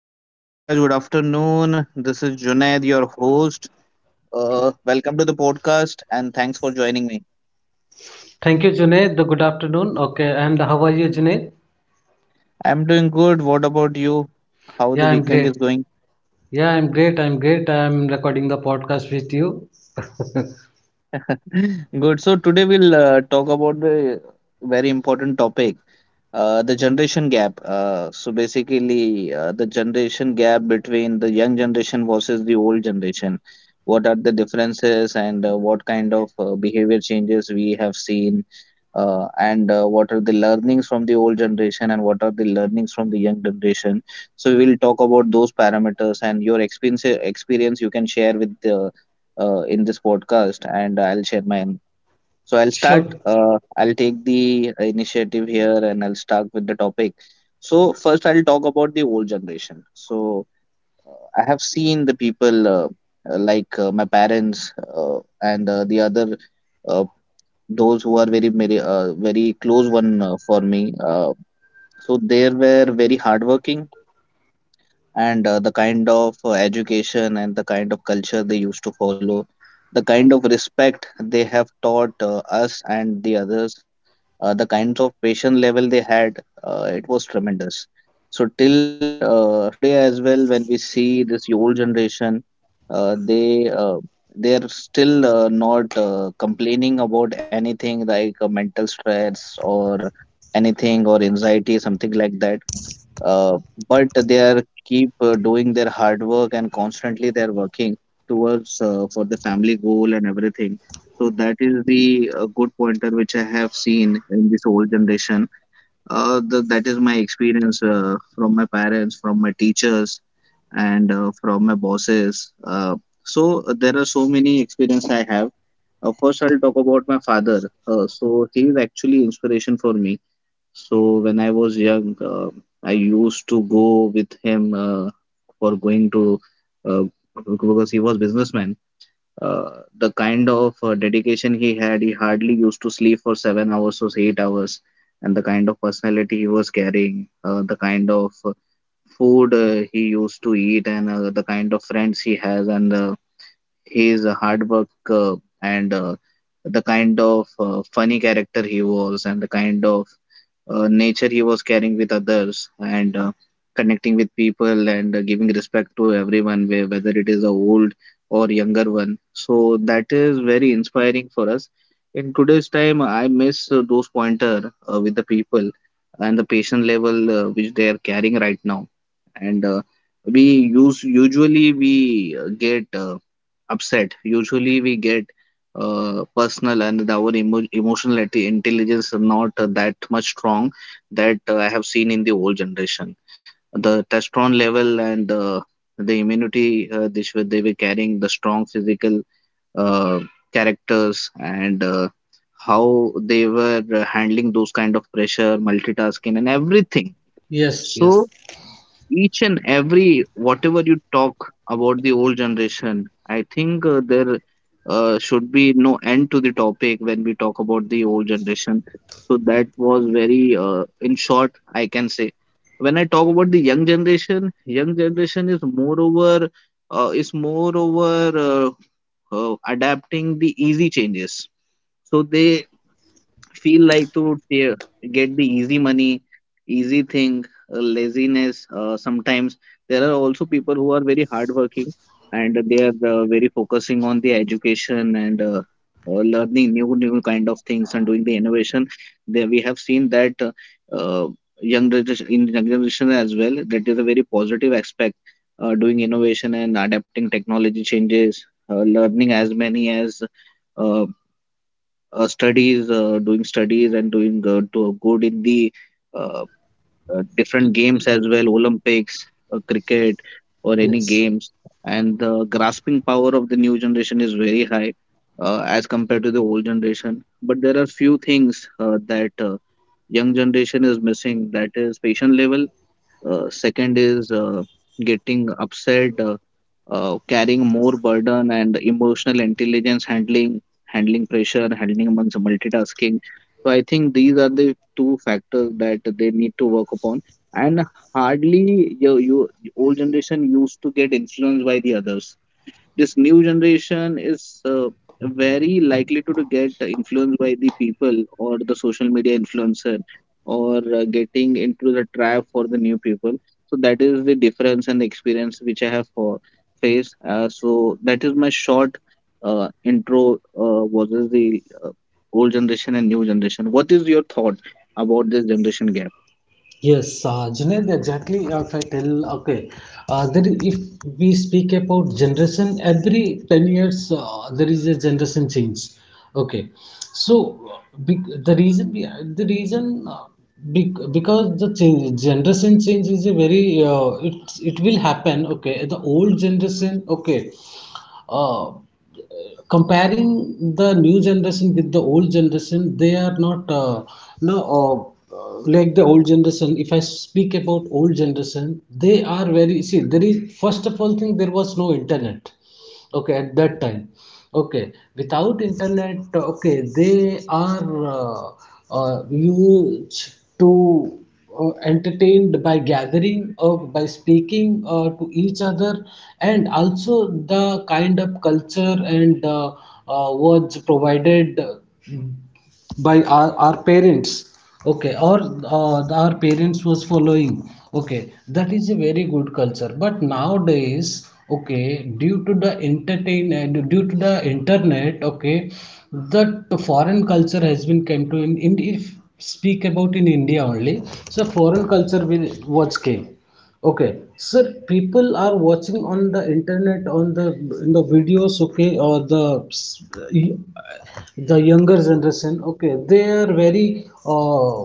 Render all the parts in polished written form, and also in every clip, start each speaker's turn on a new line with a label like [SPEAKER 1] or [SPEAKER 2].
[SPEAKER 1] hi, Suprakash. Good afternoon. This is Junaid, your host. Welcome to the podcast and thanks for joining me.
[SPEAKER 2] Thank you, Junaid. The good afternoon. Okay, and how are you, Junaid?
[SPEAKER 1] I'm doing good. What about you? How the
[SPEAKER 2] Yeah, I'm
[SPEAKER 1] weekend is
[SPEAKER 2] great.
[SPEAKER 1] going?
[SPEAKER 2] Yeah, I'm great. I'm great. I'm recording the podcast with you.
[SPEAKER 1] Good. So today we'll talk about the very important topic. The generation gap. So basically, the generation gap between the young generation versus the old generation. What are the differences and what kind of behavior changes we have seen? And What are the learnings from the old generation and what are the learnings from the young generation? So we will talk about those parameters and your experience you can share with the in this podcast, and I'll share mine. So I'll start.
[SPEAKER 2] Sure.
[SPEAKER 1] I'll take the initiative here and I'll start with the topic. So first, I'll talk about the old generation. So I have seen the people like my parents and the other uh, those who are very close one for me. So they were very hardworking and the kind of education and the kind of culture they used to follow, the kind of respect they have taught us and the others, the kinds of patient level they had, it was tremendous. So till today as well, when we see this old generation, uh, they uh, they are still not complaining about anything like mental stress or anything or anxiety, something like that uh, but they are keep doing their hard work and constantly they are working towards for the family goal and everything, so that is the good pointer which I have seen in this old generation. That is my experience from my parents, from my teachers and from my bosses. There are so many experience I have. First I'll talk about my father. So he is actually inspiration for me. So when I was young, I used to go with him for going to uh, because he was businessman. Uh, the kind of dedication he had, he hardly used to sleep for 7 hours or 8 hours, and the kind of personality he was carrying, the kind of food he used to eat, and the kind of friends he has, and his hard work and the kind of funny character he was and the kind of nature he was carrying with others and connecting with people and giving respect to everyone, whether it is a old or younger one, so that is very inspiring for us. In today's time I miss those pointer with the people and the patient level which they are carrying right now. And we use usually we get upset. Usually we get personal and our emotional intelligence are not that much strong that I have seen in the old generation. The testosterone level and the immunity they were carrying, the strong physical uh, characters and how they were handling those kind of pressure, multitasking and everything.
[SPEAKER 2] Yes,
[SPEAKER 1] So
[SPEAKER 2] yes,
[SPEAKER 1] each and every whatever you talk about the old generation, I think there should be no end to the topic when we talk about the old generation. So that was very, in short, I can say. When I talk about the young generation is moreover adapting the easy changes. So they feel like to get the easy money, easy thing, laziness. Sometimes there are also people who are very hardworking and they are very focusing on the education and learning new kind of things and doing the innovation. There we have seen that uh, young generation in young generation as well. That is a very positive aspect. Doing innovation and adapting technology changes, learning as many as uh, studies, doing studies and doing to good in the uh, different games as well, Olympics, cricket, or any
[SPEAKER 2] yes.
[SPEAKER 1] games. And the grasping power of the new generation is very high as compared to the old generation. But there are few things that young generation is missing. That is patient level. Second is getting upset, carrying more burden and emotional intelligence handling, handling pressure, handling amongst multitasking. So I think these are the two factors that they need to work upon. And hardly you old generation used to get influenced by the others. This new generation is very likely to get influenced by the people or the social media influencer or getting into the trap for the new people. So that is the difference and the experience which I have for faced. So that is my short intro versus the old generation and new generation. What is your thought about this generation gap?
[SPEAKER 2] Yes, Junaid, exactly. If I tell, okay, if we speak about generation, every 10 years there is a generation change. Okay, so the the reason because the change, generation change is a it will happen. Okay, the old generation, okay, uh, comparing the new generation with the old generation, they are not no like the old generation. If I speak about old generation, they are very, see, there is, first of all thing, there was no internet, okay, at that time. Okay, without internet, okay, they are used to entertained by gathering or by speaking to each other, and also the kind of culture and was provided by our parents, okay, or our parents was following, okay. That is a very good culture, but nowadays, okay, due to the entertain due to the internet, okay, that foreign culture has been came to in, if speak about in India only, so foreign culture will was came, okay, sir. People are watching on the internet, on the in the videos, okay, or uh, the younger generation, okay. They are very uh,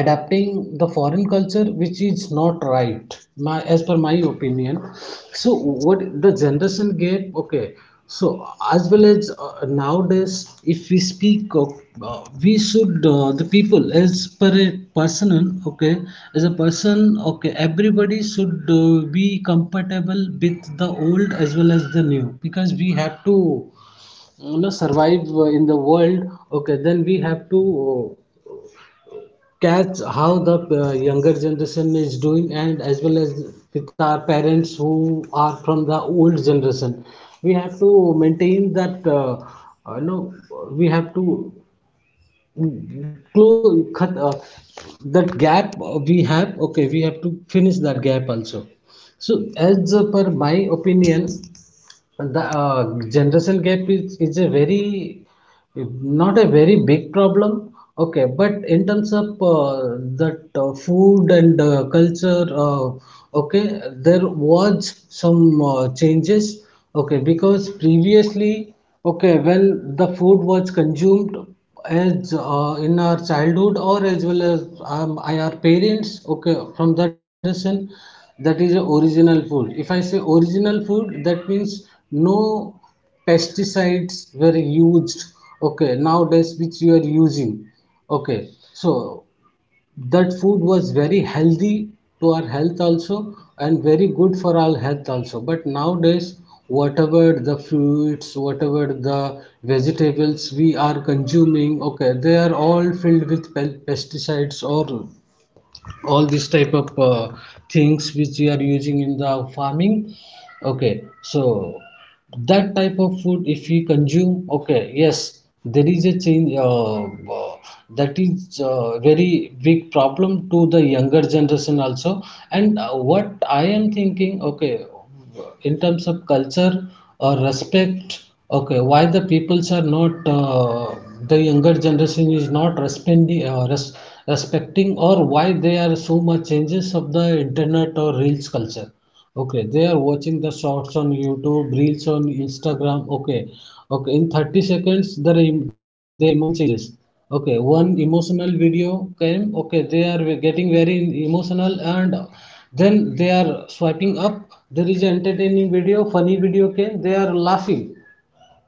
[SPEAKER 2] adapting the foreign culture, which is not right, my as per my opinion. So what the generation gap, okay. So as well as nowadays, if we speak of we should the people as per a person, okay, as a person, okay, everybody should be compatible with the old as well as the new, because we have to, survive in the world, okay. Then we have to uh, catch how the younger generation is doing, and as well as with our parents who are from the old generation, we have to maintain that, uh, you know we have to close cut that gap we have. Okay, we have to finish that gap also. So as per my opinion, the generation gap is a very, not a very big problem. Okay, but in terms of that food and culture, okay, there was some changes. Okay, because previously, okay, when the food was consumed as in our childhood, or as well as our parents, okay, from that generation, that is original food. If I say original food, that means no pesticides were used, okay, nowadays which you are using, okay. So that food was very healthy to our health also, and very good for our health also, but nowadays, whatever the fruits, whatever the vegetables we are consuming, okay, they are all filled with pesticides, or all this type of things which we are using in the farming, okay. So that type of food if we consume, okay, yes, there is a change, uh, that is very big problem to the younger generation also. And what I am thinking, okay, in terms of culture or respect, okay, why the peoples are not the younger generation is not respecting, or why they are so much changes of the internet or reels culture. Okay, they are watching the shorts on YouTube, reels on Instagram. Okay, okay. In 30 seconds, their their emotion changes. Okay, one emotional video came. Okay, they are getting very emotional, and then they are swiping up. There is an entertaining video, funny video came. They are laughing.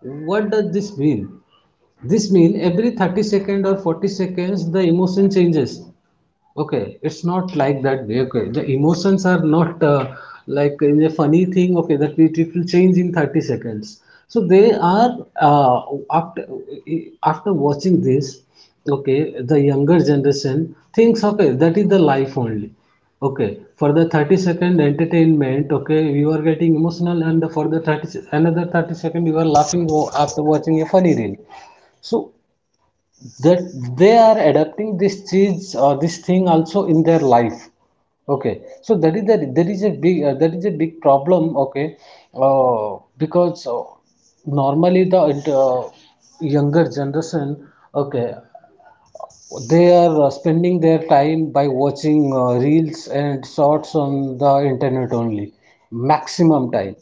[SPEAKER 2] What does this mean? This means every 30 second or 40 seconds, the emotion changes. Okay, it's not like that. Way, okay, the emotions are not like in a funny thing. Okay, that we, it will change in 30 seconds. So they are, after watching this. Okay, the younger generation thinks, okay, that is the life only. Okay, for the 30 second entertainment. Okay, you are getting emotional, and for the another 30 second you are laughing after watching a funny reel. So that they are adapting this cheese or this thing also in their life, okay. So that is the, there is a big that is a big problem, okay. Because normally the younger generation, okay, they are spending their time by watching reels and shorts on the internet only, maximum time.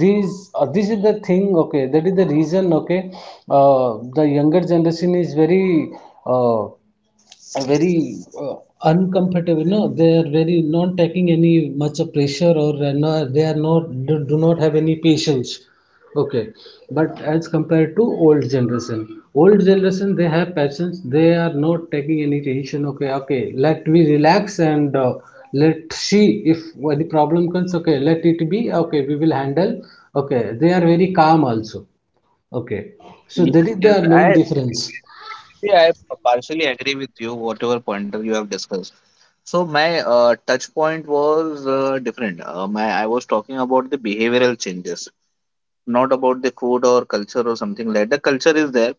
[SPEAKER 2] These this is the thing. Okay, that is the reason. Okay, the younger generation is very uh, a very uncomfortable. No, they are very not taking any much of pressure, or no, they are not do not have any patience, okay. But as compared to old generation, old generation they have patience. They are not taking any tension, okay. Okay, let we relax, and let see if any problem comes, okay, let it be, okay, we will handle. Okay, they are very calm also, okay. So that is
[SPEAKER 1] Yes,
[SPEAKER 2] the
[SPEAKER 1] yes.
[SPEAKER 2] main difference.
[SPEAKER 1] Actually I partially agree with you, whatever pointer you have discussed. So my touch point was different. My I was talking about the behavioral changes, not about the food or culture or something like that. The culture is there.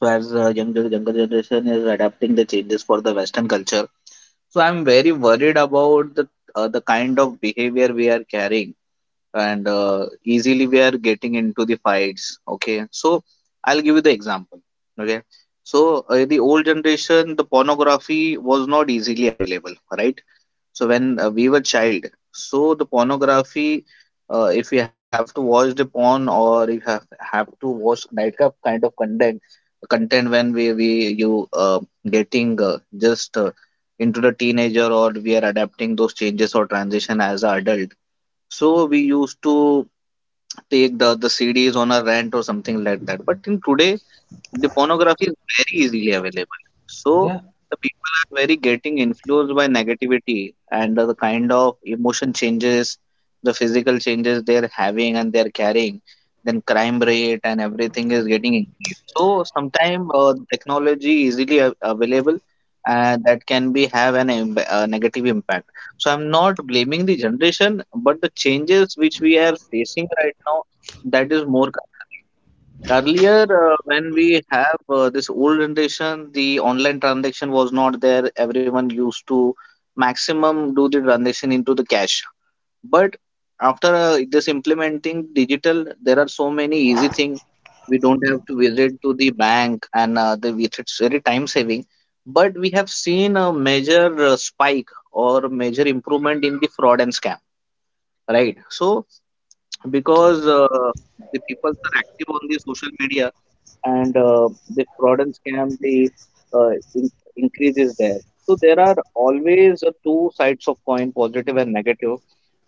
[SPEAKER 1] So as younger generation is adapting the changes for the Western culture. So I'm very worried about the kind of behavior we are carrying and easily we are getting into the fights. Okay, so I'll give you the example. Okay, so the old generation, the pornography was not easily available, right? So when we were child, so the pornography, if you have to watch the porn or you have to watch that kind of content when we you getting just into the teenager or we are adapting those changes or transition as an adult. So we used to take the CDs on a rent or something like that. But in today the pornography is very easily available, so
[SPEAKER 2] Yeah.
[SPEAKER 1] the people are very getting influenced by negativity and the kind of emotion changes, the physical changes they're having and they're carrying, then crime rate and everything is getting increased. So sometimes the technology easily available, that can be have an negative impact. So I'm not blaming the generation, but the changes which we are facing right now, that is more concerning. Earlier, when we have this old generation, the online transaction was not there. Everyone used to maximum do the transaction into the cash. But after this implementing digital, there are so many easy things. We don't have to visit to the bank, and the it's very time saving. But we have seen a major spike or major improvement in the fraud and scam, right? So
[SPEAKER 2] Correct.
[SPEAKER 1] because the peoples are active on the social media and the fraud and scam the increase is there. So there are always two sides of coin, positive and negative.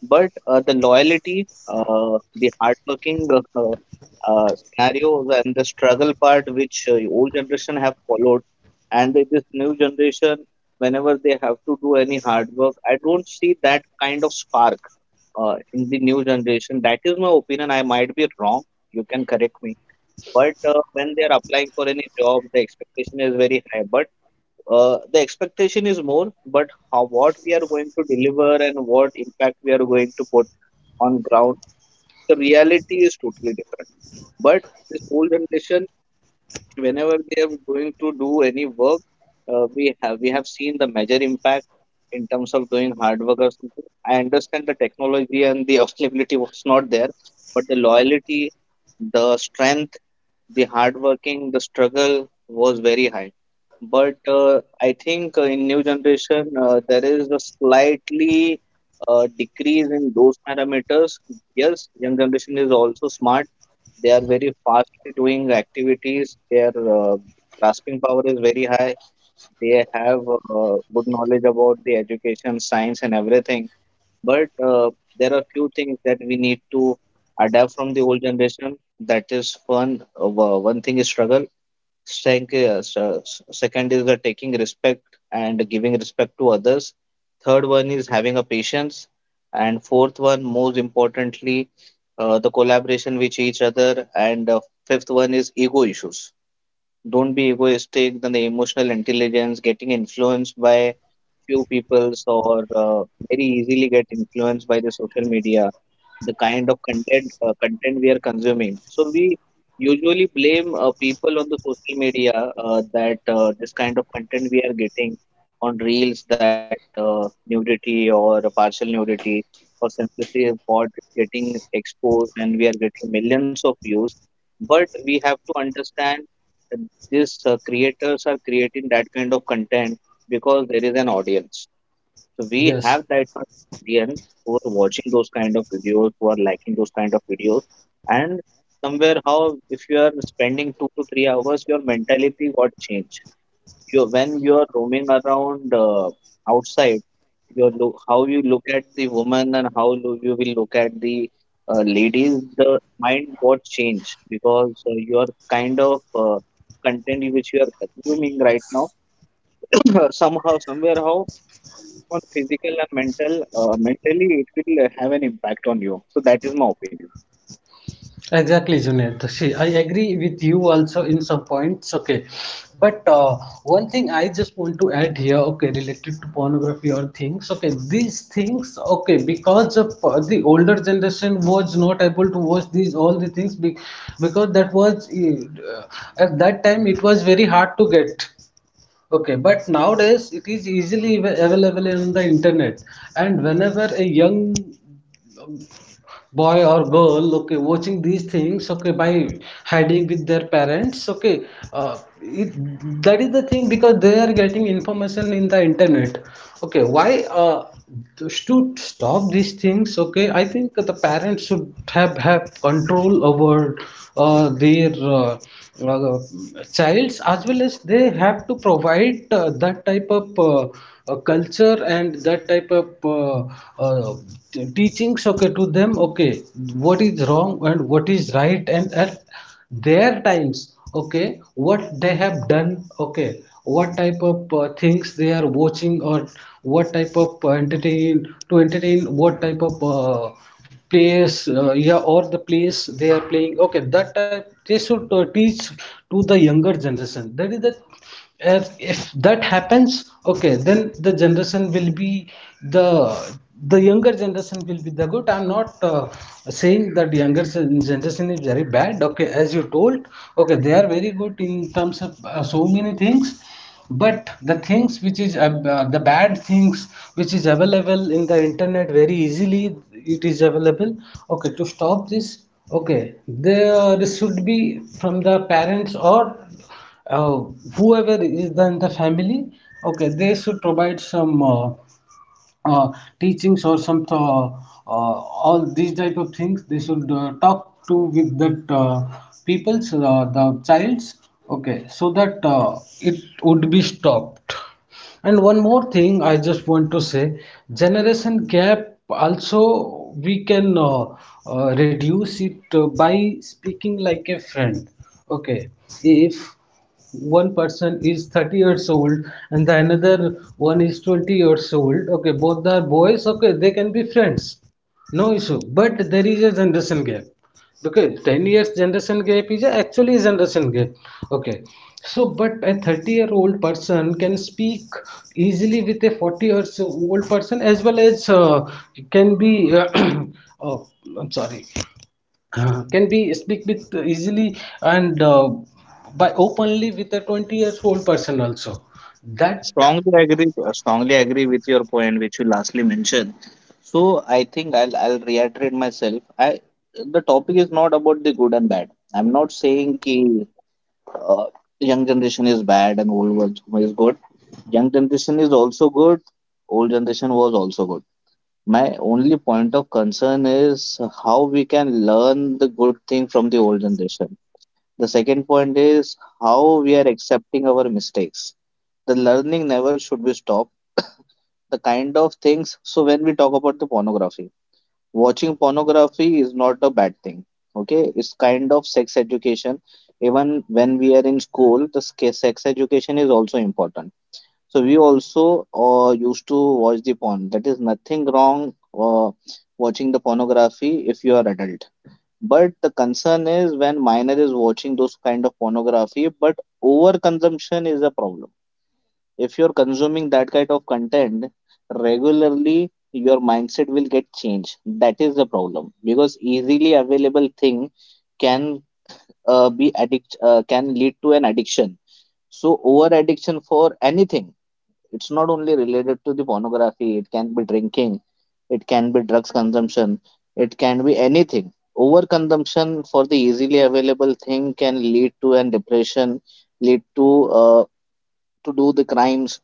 [SPEAKER 1] But the loyalty, the hardworking scenarios and the struggle part which old generation have followed and this new generation, whenever they have to do any hard work, I don't see that kind of spark in the new generation. That is my opinion. I might be wrong. You can correct me. But when they are applying for any job, the expectation is very high. But the expectation is more, but how what we are going to deliver and what impact we are going to put on ground, the reality is totally different. But this old generation, whenever they are going to do any work, we have seen the major impact in terms of doing hard work or something. I understand the technology and the availability was not there, but the loyalty, the strength, the hard working, the struggle was very high. But I think in new generation there is a slightly decrease in those parameters. Yes, young generation is also smart. They are very fastly doing activities. Their uh, grasping power is very high. They have good knowledge about the education, science, and everything. But there are few things that we need to adapt from the old generation. That is one, one thing is struggle. Second is the taking respect and giving respect to others. Third one is having a patience, and fourth one, most importantly, the collaboration with each other. And fifth one is ego issues. Don't be egoistic. Then the emotional intelligence, getting influenced by few peoples or very easily get influenced by the social media, the kind of content we are consuming. So we usually blame people on the social media that this kind of content we are getting on reels, that nudity or partial nudity or sensitive part is getting exposed and we are getting millions of views. But we have to understand that these creators are creating that kind of content because there is an audience, so we have
[SPEAKER 2] Yes.
[SPEAKER 1] that kind of audience who are watching those kind of videos, who are liking those kind of videos, and somewhere how if you are spending 2 to 3 hours, your mentality got changed. You When you are roaming around outside, your look how you look at the woman, and how you will look at the ladies, the mind got changed because your kind of content which you are consuming right now somehow somewhere how on physical and mental mentally it will have an impact on you, so that is my opinion.
[SPEAKER 2] Exactly, Junaid. See, I agree with you also in some points. Okay, but one thing I just want to add here. Okay, related to pornography or things. Okay, these things. Okay, because of the older generation was not able to watch these all the things, because that was at that time it was very hard to get. Okay, but nowadays it is easily available on the internet, and whenever a young boy or girl, okay, watching these things, okay, by hiding with their parents, okay, uh, it, that is the thing. Because they are getting information in the internet, okay. Why just to stop these things, okay, I think the parents should have control over their uh, childs, as well as they have to provide that type of culture, and that type of uh, teachings, okay, to them, okay. What is wrong and what is right, and at their times, okay, what they have done, okay. What type of things they are watching, or what type of entertain, to entertain, what type of plays, yeah, or the place they are playing, okay. That type they should teach to the younger generation. That is the, as if that happens, okay, then the generation will be the the younger generation will be the good. I'm not saying that younger generation is very bad, okay, as you told, okay. They are very good in terms of so many things, but the things which is the bad things which is available in the internet very easily, it is available, okay. To stop this, okay, there should be from the parents, or uh, whoever is then the family, okay. They should provide some uh, teachings, or some uh, all these type of things they should talk to, with that people's, the childs, okay. So that it would be stopped. And one more thing I just want to say, generation gap also we can reduce it by speaking like a friend. Okay, if one person is 30 years old and the another one is 20 years old, okay, both are boys, okay, they can be friends. No issue, but there is a generation gap. Okay, 10 years generation gap is actually a generation gap. Okay, so, but a 30-year-old person can speak easily with a 40-year-old person, as well as can be, oh, I'm sorry, can be speak with easily, and by openly with a 20-year-old person also. That,
[SPEAKER 1] Strongly agree with your point, which you lastly mentioned. So I think I'll reiterate myself. I The topic is not about the good and bad. I'm not saying ki, uh, young generation is bad and old one is good. Young generation is also good. Old generation was also good. My only point of concern is how we can learn the good thing from the old generation. The second point is how we are accepting our mistakes. The learning never should be stopped. The kind of things, so when we talk about the pornography, watching pornography is not a bad thing. Okay, it's kind of sex education. Even when we are in school, the sex education is also important. So we also used to watch the porn. That is nothing wrong uh, watching the pornography if you are adult. But the concern is when minor is watching those kind of pornography, but overconsumption is a problem. If you're consuming that kind of content regularly, your mindset will get changed. That is the problem because easily available thing can can lead to an addiction. So over addiction for anything, it's not only related to the pornography, it can be drinking, it can be drugs consumption, it can be anything. Overconsumption for the easily available thing can lead to an depression, lead uh, to do the crimes,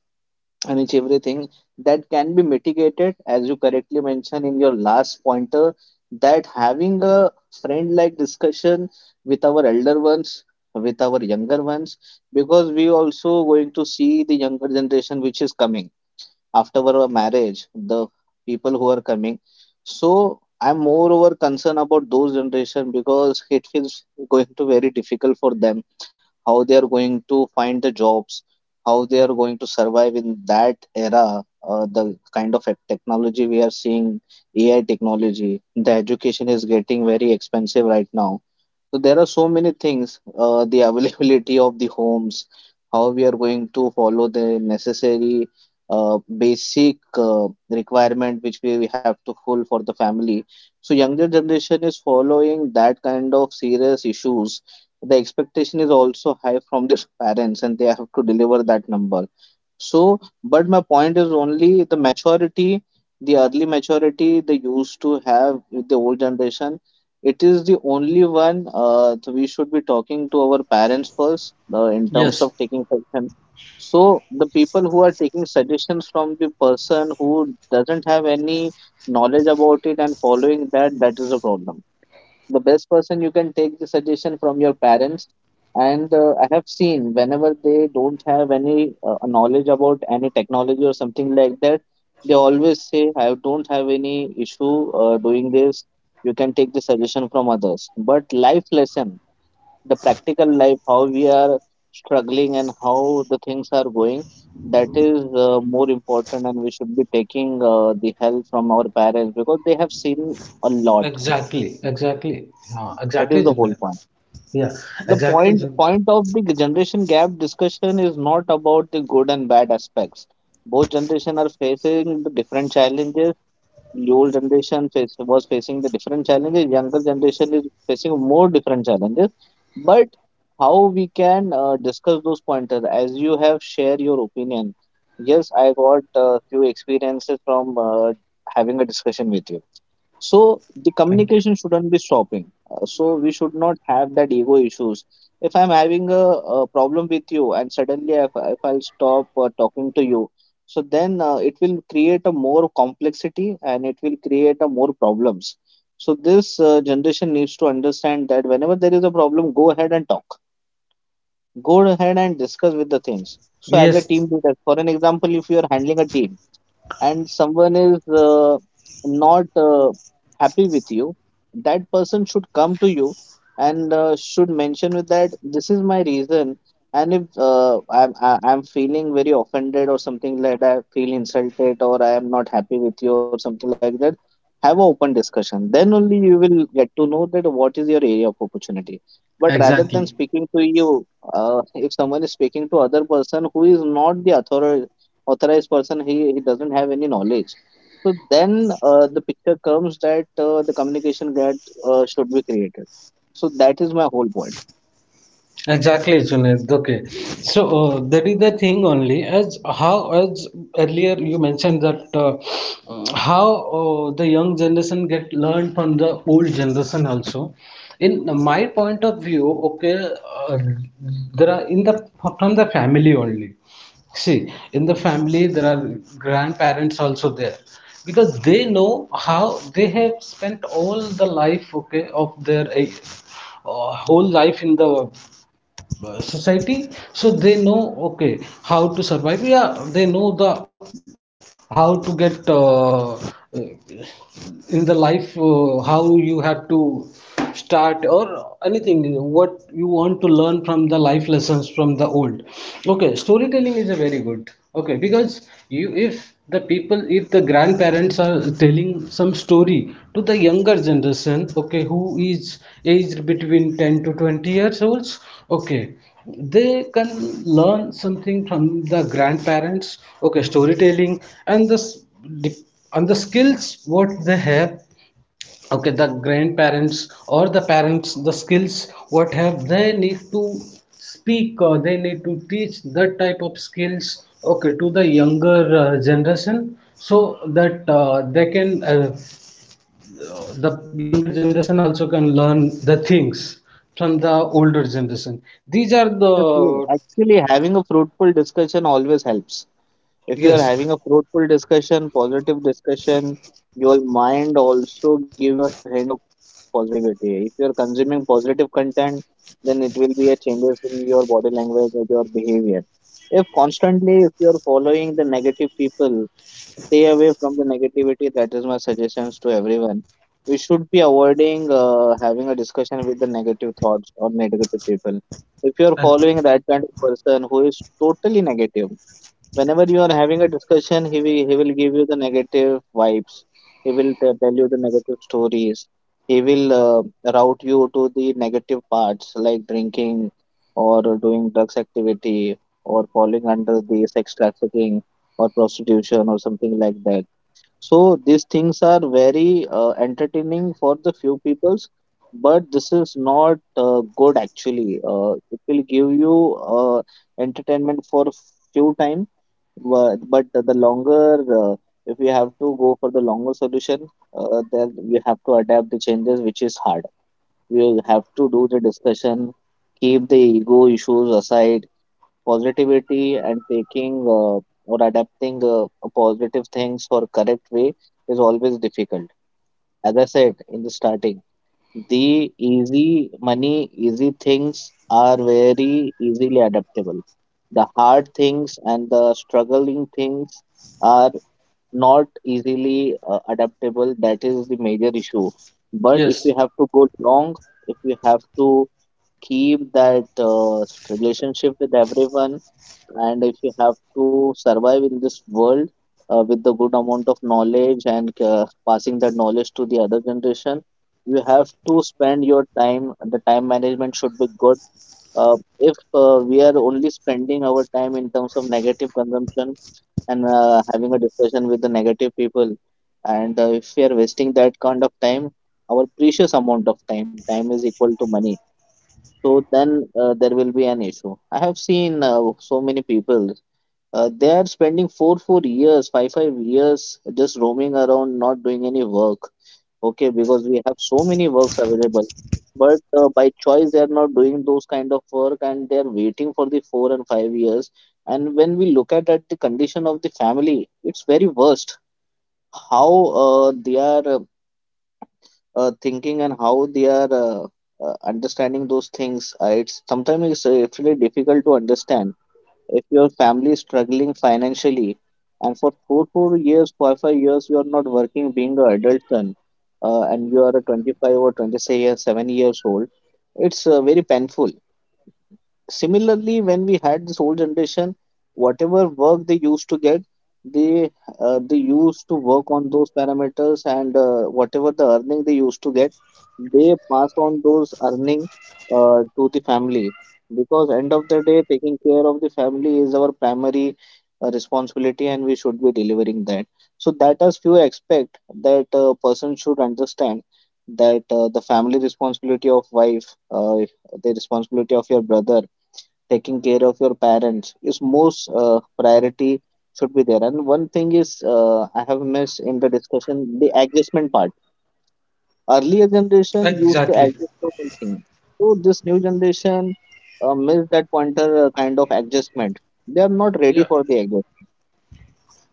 [SPEAKER 1] and it's everything that can be mitigated, as you correctly mentioned in your last pointer, that having a friend like discussion with our elder ones, with our younger ones, because we also going to see the younger generation which is coming after our marriage, the people who are coming. So I'm moreover concerned about those generation because it feels going to very difficult for them, how they are going to find the jobs, how they are going to survive in that era. The kind of technology we are seeing, AI technology, the education is getting very expensive right now, so there are so many things, the availability of the homes, how we are going to follow the necessary uh, basic requirement which we have to full for the family. So younger generation is following that kind of serious issues. The expectation is also high from the parents, and they have to deliver that number. So, but my point is only the maturity, the early maturity they used to have with the old generation. It is the only one we should be talking to our parents first in terms of
[SPEAKER 2] yes,
[SPEAKER 1] taking suggestion. So, the people who are taking suggestions from the person who doesn't have any knowledge about it, and following that, that is a problem. The best person you can take the suggestion from your parents. And I have seen, whenever they don't have any knowledge about any technology or something like that, they always say I don't have any issue doing this. You can take the suggestion from others, but life lesson, the practical life, how we are struggling and how the things are going, that is more important, and we should be taking the help from our parents because they have seen a lot.
[SPEAKER 2] exactly, exactly, yeah,
[SPEAKER 1] That
[SPEAKER 2] exactly,
[SPEAKER 1] is the whole point.
[SPEAKER 2] Junaid. Yeah,
[SPEAKER 1] The
[SPEAKER 2] exactly,
[SPEAKER 1] point
[SPEAKER 2] Junaid.
[SPEAKER 1] point of the generation gap discussion is not about the good and bad aspects. Both generation are facing the different challenges. The old generation face, was facing the different challenges, younger generation is facing more different challenges, but how we can discuss those pointers, as you have shared your opinion. Yes, I got a few experiences from having a discussion with you. So the
[SPEAKER 2] Thank you.
[SPEAKER 1] communication shouldn't be stopping. So we should not have that ego issues. If I'm having a problem with you, and suddenly if I'll stop talking to you, so then it will create a more complexity and it will create a more problems. So this generation needs to understand that whenever there is a problem, go ahead and talk. Go ahead and discuss with the things. So as a team
[SPEAKER 2] Yes,
[SPEAKER 1] leader, for an example, if you are handling a team and someone is not happy with you, that person should come to you and should mention with that this is my reason. And if I'm feeling very offended or something like that, I feel insulted, or I am not happy with you or something like that, have an open discussion. Then only you will get to know that what is your area of opportunity. But rather than
[SPEAKER 2] exactly.
[SPEAKER 1] speaking to you, if someone is speaking to other person who is not the authorized person, he doesn't have any knowledge, so then the picture comes that the communication gap should be created. So that is my whole point.
[SPEAKER 2] Exactly, Junaid. Okay, so that is the thing only. As how as earlier you mentioned that how the young generation get learned from the old generation also. In my point of view, okay, uh, there are, in the, from the family only. See, in the family there are grandparents also there, because they know how they have spent all the life, okay, of their whole life in the society, so they know, okay, how to survive. Yeah, they know the how to get in the life, how you have to start, or anything what you want to learn from the life lessons from the old. Okay, storytelling is a very good, okay, because you, if the people, if the grandparents are telling some story to the younger generation, okay, who is aged between 10 to 20 years olds, okay, they can learn something from the grandparents. Okay, storytelling, and dif- and the skills what they have, okay, the grandparents or the parents, the skills what have they need to speak, or they need to teach that type of skills, okay, to the younger generation, so that they can the younger generation also can learn the things from the older generation. These are
[SPEAKER 1] Yes, yes.
[SPEAKER 2] the,
[SPEAKER 1] Actually, having a fruitful discussion always helps. If you are having
[SPEAKER 2] yes,
[SPEAKER 1] a fruitful discussion, positive discussion, your mind also give you a hint of positivity. If you are consuming positive content, then it will be a changes in your body language or your behavior. If constantly if you are following the negative people, stay away from the negativity, that is my suggestions to everyone. We should be avoiding having a discussion with the negative thoughts or negative people. If you are
[SPEAKER 2] and
[SPEAKER 1] following that kind of person who is totally negative, whenever you are having a discussion, he will give you the negative vibes, he will tell you the negative stories, he will route you to the negative parts like drinking, or doing drugs activity, or falling under the sex trafficking, or prostitution or something like that. So these things are very entertaining for the few peoples, but this is not good actually. It will give you entertainment for few time, but the longer if we have to go for the longer solution, then we have to adapt the changes, which is hard. We will have to do the discussion, keep the ego issues aside. Positivity and taking or adapting positive things for correct way is always difficult. As I said in the starting, the easy money, easy things are very easily adaptable. The hard things and the struggling things are not easily adaptable. That is the major issue. But if we
[SPEAKER 2] yes.
[SPEAKER 1] have to go long, if we have to keep that relationship with everyone, and if you have to survive in this world with the good amount of knowledge and passing that knowledge to the other generation, you have to spend your time, the time management should be good. If we are only spending our time in terms of negative consumption, and having a discussion with the negative people, and if we are wasting that kind of time, our precious amount of time. Time is equal to money. So then there will be an issue. I have seen so many people. They are spending four years, five years just roaming around, not doing any work. Okay,
[SPEAKER 2] Yes,
[SPEAKER 1] because we have so many works available, but by choice they are not doing those kind of work, and they are waiting for the 4 and 5 years. And when we look at the condition of the family, it's very worst. How they are thinking and how they are understanding those things. It's sometimes it's really difficult to understand. If your family is struggling financially, and for four years, five years, you are not working, being an adult son, and you are a 25 or 26 years, 7 years old. It's very painful. Similarly, when we had this old generation, whatever work they used to get, they they used to work on those parameters, and whatever the earning they used to get, they pass on those earning to the family. Because end of the day, taking care of the family is our primary responsibility, and we should be delivering that. So that as few aspect that a person should understand, that the family responsibility of wife, the responsibility of your brother, taking care of your parents is most priority should be there. And one thing is I have missed in the discussion, the adjustment part. Earlier generation used to
[SPEAKER 2] exactly.
[SPEAKER 1] adjust so many things. So this new generation missed that pointer, kind of adjustment. They are not
[SPEAKER 2] Yeah.
[SPEAKER 1] ready for the adjustment.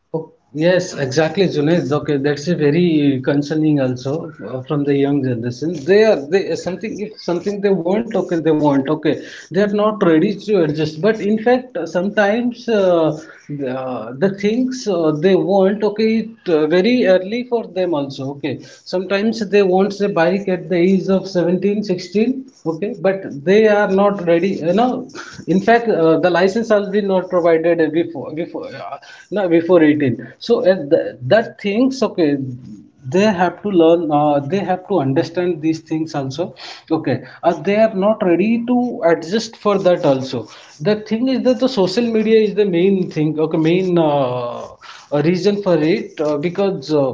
[SPEAKER 2] Oh, yes, exactly, Junaid. Okay, that's a very concerning also from the young generation. They are they, something if something they want, okay, they want, okay. They are not ready to adjust. But in fact, sometimes the things they want, okay, it very early for them also, okay. Sometimes they want a bike at the age of 17, 16, okay, but they are not ready. You know, in fact, the license has been not provided before no, before 18. So the, that things okay. They have to learn. They have to understand these things also. Okay, they are not ready to adjust for that also. The thing is that the social media is the main thing. Okay, main reason for it, because. Uh,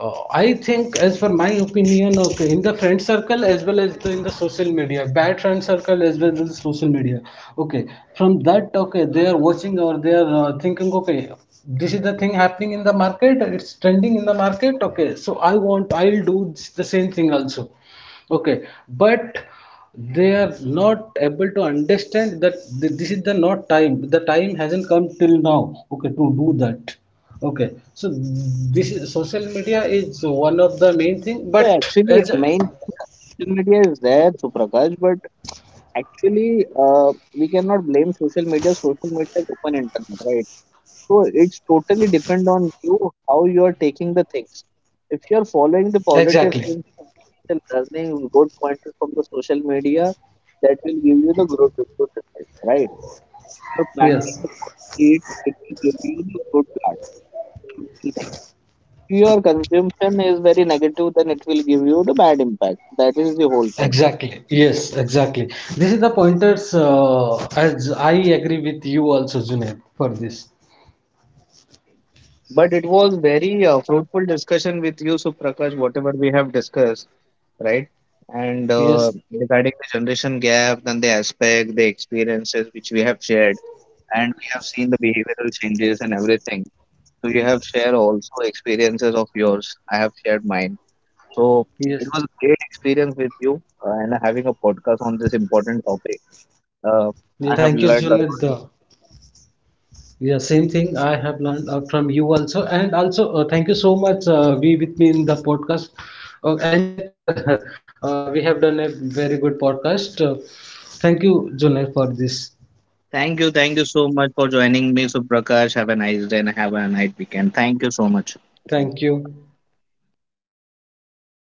[SPEAKER 2] uh, I think, as for my opinion, okay, in the friend circle as well as the, in the social media, bad friend circle as well as the social media. Okay, from that, okay, they are watching, or they are thinking, okay, this is the thing happening in the market, it's trending in the market. Okay, so I want, I'll do this, the same thing also. Okay, but they are not able to understand that this is the not time. The time hasn't come till now. Okay, to do that. Okay, so this is social media is one of the main thing,
[SPEAKER 1] So
[SPEAKER 2] but
[SPEAKER 1] actually,
[SPEAKER 2] as,
[SPEAKER 1] main thing social media is there, Suprakash, but actually we cannot blame social media. Social media is open internet, right? So it's totally depend on you how you are taking the things. If you are following the
[SPEAKER 2] exactly,
[SPEAKER 1] positive things, you are taking the learning, good pointers from the social media, that will give you the good result, right? If you are
[SPEAKER 2] yes,
[SPEAKER 1] planting a good seeds, it will give you the good plant. The simple thing. If your consumption is very negative, then it will give you the bad impact. That is the whole point.
[SPEAKER 2] exactly, yes, exactly. This is the pointers. As I agree with you also, Junaid, for this.
[SPEAKER 1] But it was very fruitful discussion with you, Suprakash. Whatever we have discussed, right? And
[SPEAKER 2] Yes,
[SPEAKER 1] regarding the generation gap, then the aspect, the experiences which we have shared, and we have seen the behavioral changes and everything. So you have shared also experiences of yours. I have shared mine. So it
[SPEAKER 2] yes,
[SPEAKER 1] was a great experience with you and having a podcast on this important topic. Uh,
[SPEAKER 2] yeah.
[SPEAKER 1] I have
[SPEAKER 2] Thank you,
[SPEAKER 1] learned a
[SPEAKER 2] Junaid.
[SPEAKER 1] lot.
[SPEAKER 2] Yeah, same thing I have learned from you also, and also thank you so much. Be with me in the podcast. In fact, we have done a very good podcast. Thank you, Junaid, for this.
[SPEAKER 1] Thank you. Thank you so much for joining me, Suprakash. Have a nice day and have a nice weekend. Thank you so much.
[SPEAKER 2] Thank you.